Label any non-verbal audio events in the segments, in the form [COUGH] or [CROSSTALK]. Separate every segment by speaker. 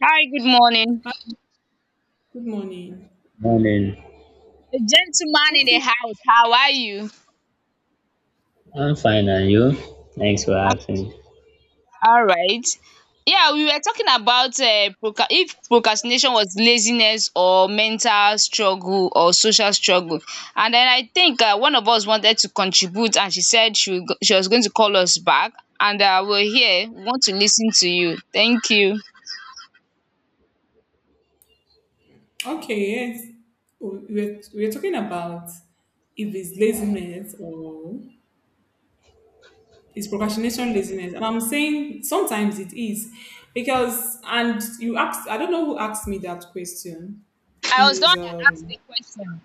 Speaker 1: Hi, good morning.
Speaker 2: Hi, good morning.
Speaker 3: Morning.
Speaker 1: The gentleman in the
Speaker 2: Okay,
Speaker 1: house, how are you?
Speaker 3: I'm fine, and you? Thanks for
Speaker 1: I'm
Speaker 3: asking.
Speaker 1: all right. Yeah, we were talking about if procrastination was laziness or mental struggle or social struggle. And then I think one of us wanted to contribute and she said she was going to call us back. And we're here. We want to listen to you. Thank you.
Speaker 2: okay, yes. We're talking about if it's laziness or it's procrastination laziness. And I'm saying sometimes it is because, and you asked, I don't know who asked me that question. It
Speaker 1: I was the one
Speaker 2: is,
Speaker 1: that asked the question.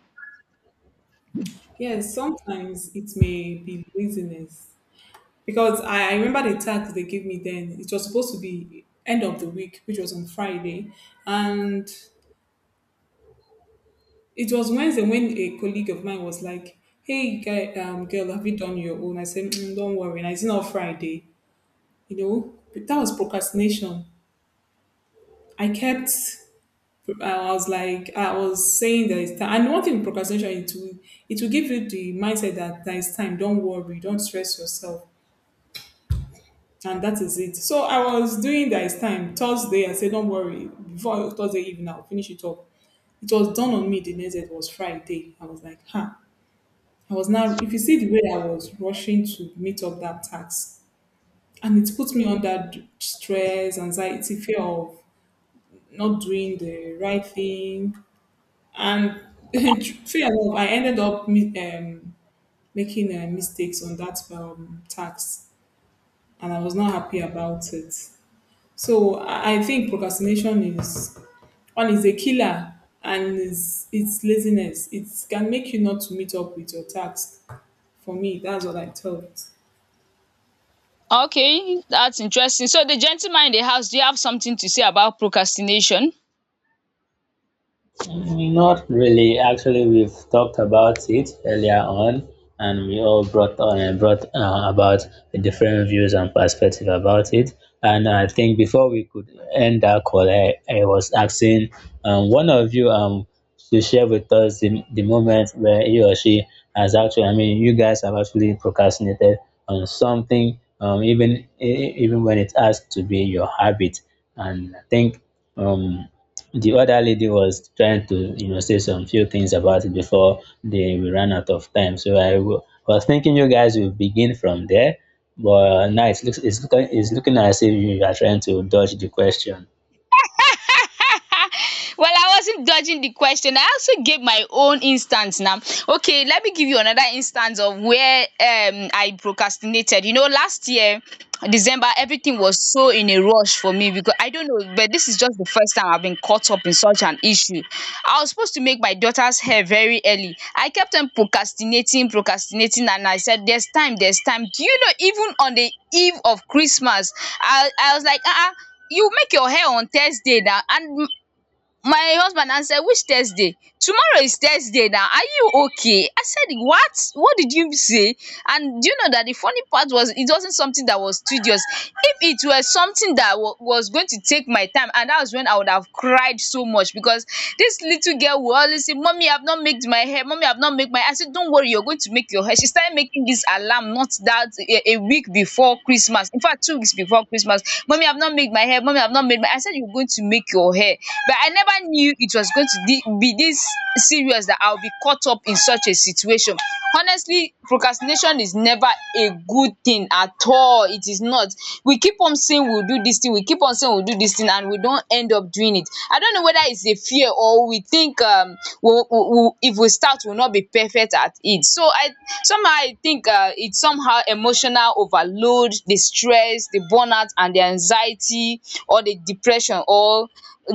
Speaker 2: yes, sometimes it may be laziness because I remember the task they gave me then. It was supposed to be end of the week, which was on Friday. And it was Wednesday when a colleague of mine was like, "Hey, guy, girl, have you done your own?" I said, mm, "Don't worry, it's not Friday." You know, but that was procrastination. I kept. I was like, I was saying that it's time. And one thing with procrastination, it will give you the mindset that there is time. Don't worry, don't stress yourself, and that is it. So I was doing that it's time. Thursday, I said, "Don't worry." Before Thursday evening, I'll finish it up. It was done on me. The next day was Friday. I was like, "Huh." I was now, if you see the way I was rushing to meet up that task, and it put me under stress, anxiety, fear of not doing the right thing, and [LAUGHS] fear of I ended up making mistakes on that task, and I was not happy about it. So I think procrastination is one is a killer, and it's laziness. It can make you not to meet up with your task. For me, that's what I thought.
Speaker 1: Okay, that's interesting. So, the gentleman in the house, do you have something to say about procrastination?
Speaker 3: Not really. Actually, we've talked about it earlier on, and we all brought on and brought about different views and perspective about it. And I think before we could end our call, I was asking one of you to share with us the moment where he or she has actually, I mean, you guys have actually procrastinated on something, even even when it has to be your habit. And I think um the other lady was trying to, you know, say some few things about it before they we ran out of time. So was thinking you guys will begin from there, but now it's looking as if you are trying to dodge the question.
Speaker 1: [LAUGHS] Well, I wasn't dodging the question. I also gave my own instance now. Okay, let me give you another instance of where I procrastinated. You know, last year December everything was so in a rush for me because I don't know, but this is just the first time I've been caught up in such an issue. I was supposed to make my daughter's hair very early. I kept on procrastinating, procrastinating, and I said, "There's time, there's time." Do you know even on the eve of Christmas, I was like, "Ah." You make your hair on Thursday now, and my husband answered, said, "Which Thursday? Tomorrow is Thursday now. Are you okay?" I said, what did you say? And do you know that the funny part was it wasn't something that was tedious. If it were something that was going to take my time, and that was when I would have cried so much, because this little girl will always say, "Mommy, I've not made my hair. Mommy, I've not made my hair." I said, "Don't worry, you're going to make your hair." She started making this alarm, not that a week before Christmas, in fact 2 weeks before Christmas. "Mommy, I've not made my hair. Mommy, I've not made my—" I said, "You're going to make your hair." But I never knew it was going to be this serious, that I'll be caught up in such a situation. Honestly, procrastination is never a good thing at all. It is not. We keep on saying thing, we'll do this thing, we keep on saying we'll do this thing, and we don't end up doing it. I don't know whether it's a fear, or we think we will, if we start, we'll not be perfect at it. So I somehow I think it's somehow emotional overload, the stress, the burnout, and the anxiety, or the depression, or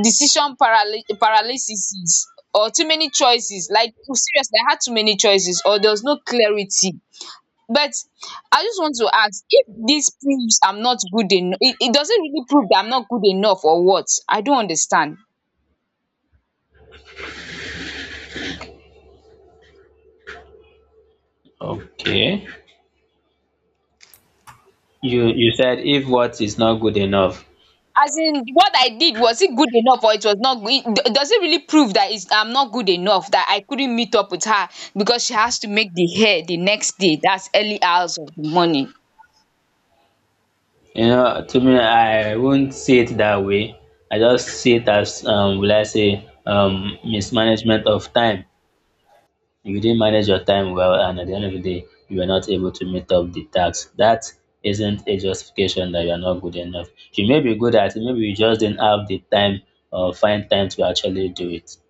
Speaker 1: decision paralysis, or too many choices. Like seriously, I had too many choices, or there was no clarity. But I just want to ask if this proves I'm not good enough. It doesn't really prove that I'm not good enough, or what? I don't understand.
Speaker 3: Okay. You said if what is not good enough.
Speaker 1: As in, what I did, was it good enough or it was not good? Does it really prove that I'm not good enough, that I couldn't meet up with her because she has to make the hair the next day? That's early hours of the morning.
Speaker 3: You know, to me I won't see it that way. I just see it as will I say mismanagement of time. If you didn't manage your time well and at the end of the day you were not able to meet up the task, that isn't a justification that you are not good enough. You may be good at it, maybe you just didn't have the time or find time to actually do it, so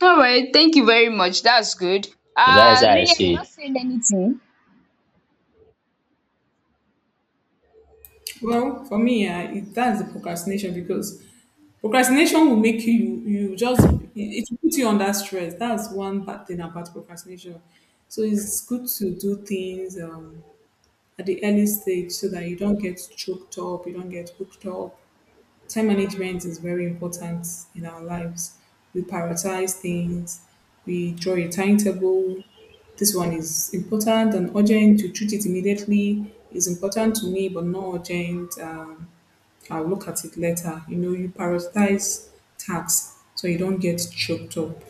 Speaker 1: All right, thank you very much. That's good.
Speaker 3: that is how I
Speaker 1: Lillian, you're
Speaker 3: see it.
Speaker 1: not saying anything.
Speaker 2: Well, for me, it, that's the procrastination because procrastination will make you just it will put you under stress. That's one bad thing about procrastination. So it's good to do things at the early stage so that you don't get choked up, you don't get hooked up. Time management is very important in our lives. We prioritize things. We draw a timetable. This one is important and urgent to treat it immediately. It's important to me, but not urgent. I'll look at it later. You know, you prioritize tasks so you don't get choked up.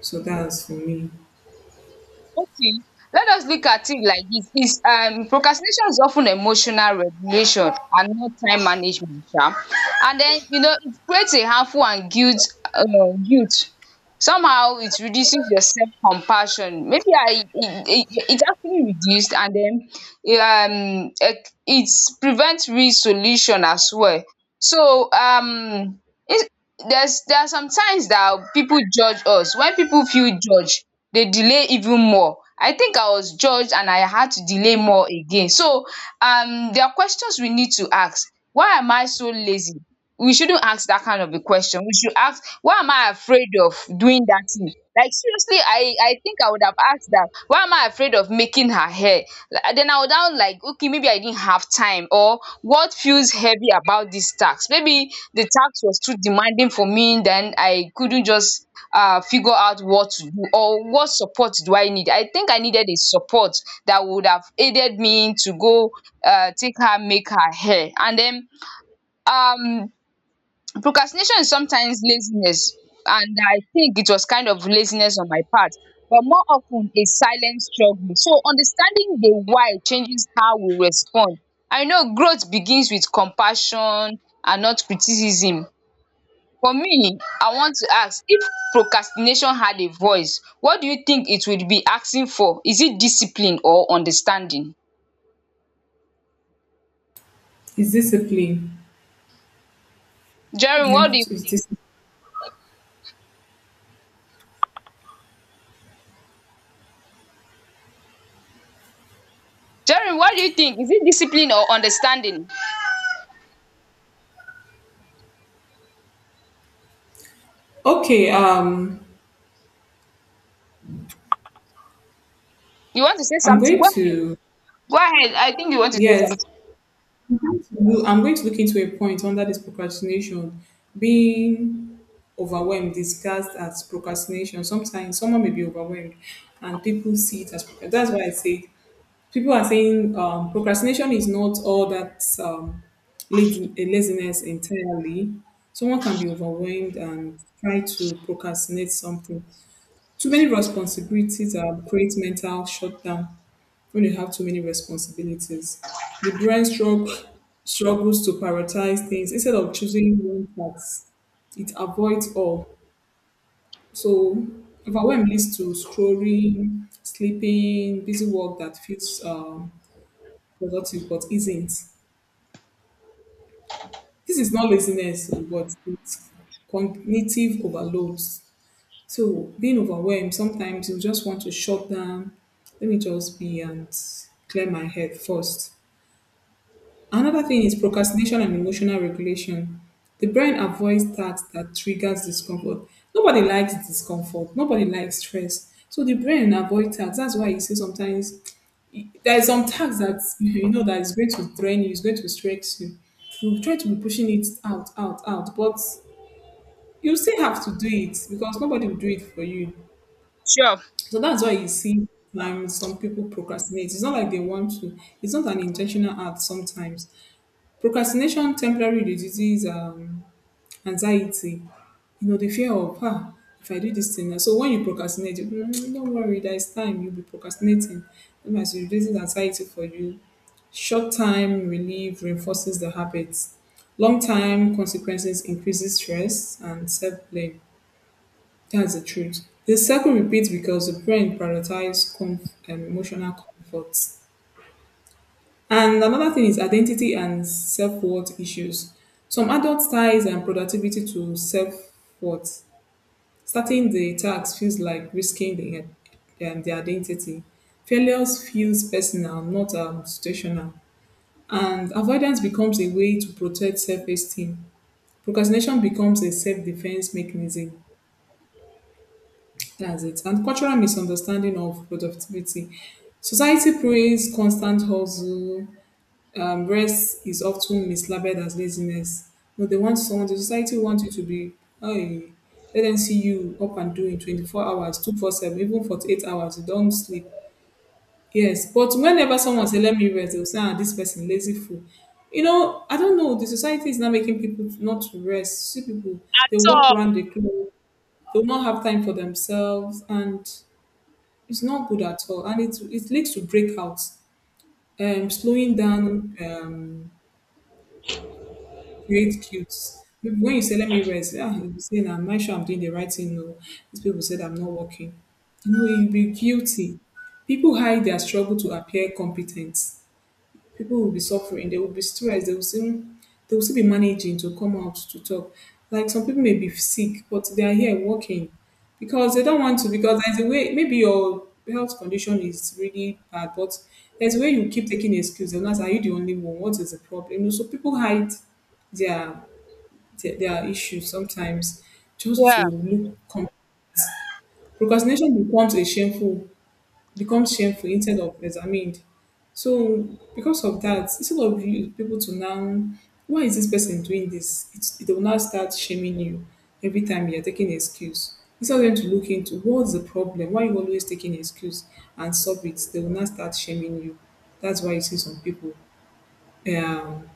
Speaker 2: So that's for me.
Speaker 1: Okay, let us look at it like this. Is procrastination is often emotional regulation and not time management, sha. And then you know it creates a harmful and guilt uh, guilt. Somehow it reduces your self compassion. Maybe I it actually reduced. And then it prevents resolution as well. So it, there's— there are some times that people judge us. When people feel judged, they delay even more. I think I was judged and I had to delay more again. So there are questions we need to ask. Why am I so lazy? We shouldn't ask that kind of a question. We should ask, why am I afraid of doing that thing? Like seriously, I think I would have asked that: why am I afraid of making her hair? Like then I would now like, okay, maybe I didn't have time, or what feels heavy about this tax? Maybe the tax was too demanding for me, then I couldn't just figure out what to do, or what support do I need. I think I needed a support that would have aided me to go take her, make her hair. And then um, procrastination is sometimes laziness. And I think it was kind of laziness on my part, but more often a silent struggle. So understanding the why changes how we respond. I know growth begins with compassion and not criticism. For me, I want to ask, if procrastination had a voice, what do you think it would be asking for? Is it discipline or understanding?
Speaker 2: It's discipline.
Speaker 1: Jerry,
Speaker 2: You
Speaker 1: what
Speaker 2: have
Speaker 1: do you
Speaker 2: to. It's
Speaker 1: think?
Speaker 2: discipline.
Speaker 1: Jerry, what do you think? Is it discipline or understanding?
Speaker 2: Okay.
Speaker 1: You want to say
Speaker 2: I'm
Speaker 1: something?
Speaker 2: going
Speaker 1: Go ahead.
Speaker 2: to
Speaker 1: Go ahead. I think you want to say something.
Speaker 2: yes, I'm going to look into a point under this procrastination being overwhelmed disguised as procrastination. Sometimes someone may be overwhelmed, and people see it as procrastination. That's why I say people are saying procrastination is not all that laziness entirely. Someone can be overwhelmed and try to procrastinate something. Too many responsibilities create mental shutdown when you have too many responsibilities. The brain struggles to prioritize things instead of choosing one task it avoids all. So overwhelm leads to scrolling, sleeping, busy work that feels productive, but isn't. This is not laziness, but it's cognitive overload. So being overwhelmed, sometimes you just want to shut down. Let me just be and clear my head first. Another thing is procrastination and emotional regulation. The brain avoids tasks that triggers discomfort. Nobody likes discomfort. Nobody likes stress. So the brain avoids tasks. That's why you see sometimes there's some tax that [LAUGHS] you know that is going to drain you, is going to stress you. You try to be pushing it out, out, out, but you still have to do it because nobody will do it for you.
Speaker 1: Sure.
Speaker 2: So that's why you see some people procrastinate. It's not like they want to. It's not an intentional act sometimes. Procrastination temporarily reduces anxiety. You know, the fear of, ah, if I do this thing. So when you procrastinate, you, "Mm, don't worry, there is time. You'll be procrastinating. That means it reduces anxiety for you. Short time relief reinforces the habits. Long time consequences increases stress and self blame. That's the truth. The cycle repeats because the brain prioritizes emotional comfort. And another thing is identity and self worth issues. Some adults ties and productivity to self worth. Starting the task feels like risking the identity. Failures feels personal, not situational. And avoidance becomes a way to protect self esteem. Procrastination becomes a self defense mechanism. That's it. And cultural misunderstanding of productivity. Society praise constant hustle. Rest is often mislabeled as laziness. But they want someone, the society wants you to be, hey, let them see you up and doing 24 hours, 2 four 7, even 48 hours. You don't sleep. Yes, but whenever someone say let me rest, they'll say, ah, this person lazy fool. You know, I don't know. The society is now making people not to rest. See people, they
Speaker 1: That's
Speaker 2: walk
Speaker 1: all.
Speaker 2: around the clock, they'll not have time for themselves, and it's not good at all. And it leads to breakouts, slowing down, create cues. Maybe when you say let me rest, ah, you'll be saying, I'm not sure I'm doing the right thing. No, these people said I'm not working. You know, you'll be guilty. People hide their struggle to appear competent, people will be suffering, they will be stressed, they will still be managing to come out to talk. Like some people may be sick, but they are here working because they don't want to. Because there's a way, maybe your health condition is really bad, but there's a way you keep taking excuses. And that's are you the only one? What is the problem? You know, so people hide their their issues sometimes just
Speaker 1: Yeah.
Speaker 2: to look competent. Procrastination becomes shameful instead of examined. So because of that, instead of you people to now, why is this person doing this? It's, they will now start shaming you every time you're taking an excuse. Instead of them to look into what's the problem, why you always taking an excuse and solve it, they will now start shaming you. That's why you see some people um,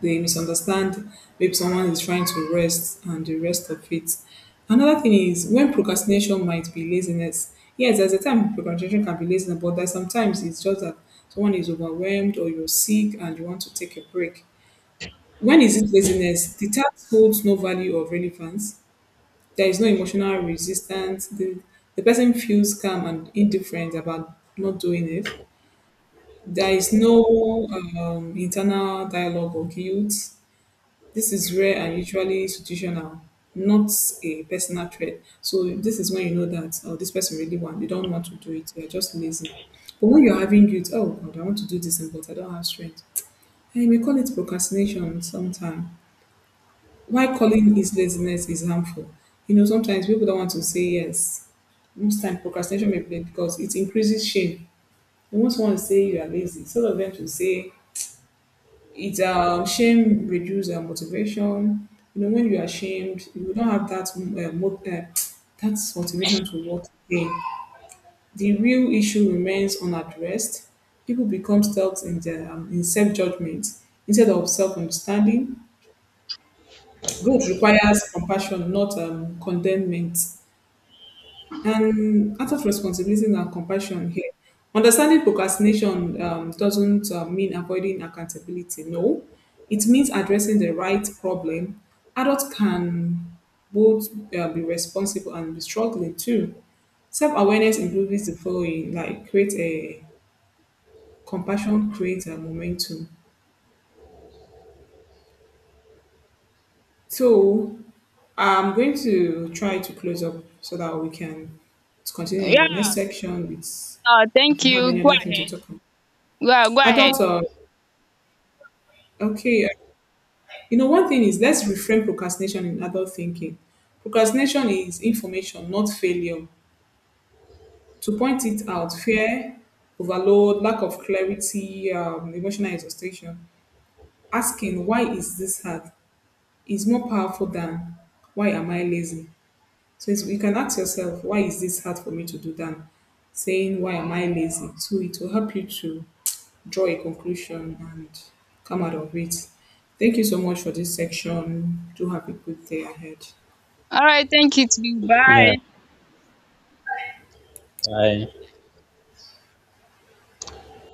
Speaker 2: they misunderstand maybe someone is trying to rest and the rest of it. Another thing is when procrastination might be laziness, yes, there's a time procrastination can be laziness but there's sometimes it's just that someone is overwhelmed or you're sick and you want to take a break. When is it laziness? The task holds no value or relevance, there is no emotional resistance, the person feels calm and indifferent about not doing it, there is no internal dialogue or guilt. This is rare and usually institutional, not a personal trait. So this is when you know that oh, this person really want they don't want to do it. They are just lazy. But when you're having guilt, oh God, I want to do this thing, but I don't have strength. And you may call it procrastination sometimes. Why calling is laziness is harmful? You know, sometimes people don't want to say yes. Most time procrastination may be because it increases shame. They want someone to say you are lazy. Instead of them to say it, shame reduce motivation. You know, when you are ashamed, you don't have that that motivation to work again. The real issue remains unaddressed. People become stuck in their in self judgment instead of self understanding. Growth requires compassion, not condemnment. And out of responsibility and compassion here, understanding procrastination doesn't mean avoiding accountability. No, it means addressing the right problem. Adults can both be responsible and be struggling too. Self awareness includes the following like create a compassion, create a momentum. So I'm going to try to close up so that we can continue in the next
Speaker 1: Yeah.
Speaker 2: section with if
Speaker 1: Thank
Speaker 2: we have
Speaker 1: you.
Speaker 2: any
Speaker 1: Go
Speaker 2: other thing to
Speaker 1: ahead.
Speaker 2: talk about.
Speaker 1: Yeah, go
Speaker 2: Adult,
Speaker 1: ahead.
Speaker 2: okay. uh, you know, one thing is let's reframe procrastination in adult thinking. Procrastination is information, not failure. To point it out, fear, overload, lack of clarity, emotional exhaustion. Asking why is this hard is more powerful than why am I lazy. So it's, you can ask yourself why is this hard for me to do than saying why am I lazy. So it will help you to draw a conclusion and come out of it. Thank you so much for this section. Do have a good day ahead.
Speaker 1: All right. Thank you. Too.
Speaker 3: Yeah,
Speaker 1: Bye.
Speaker 3: I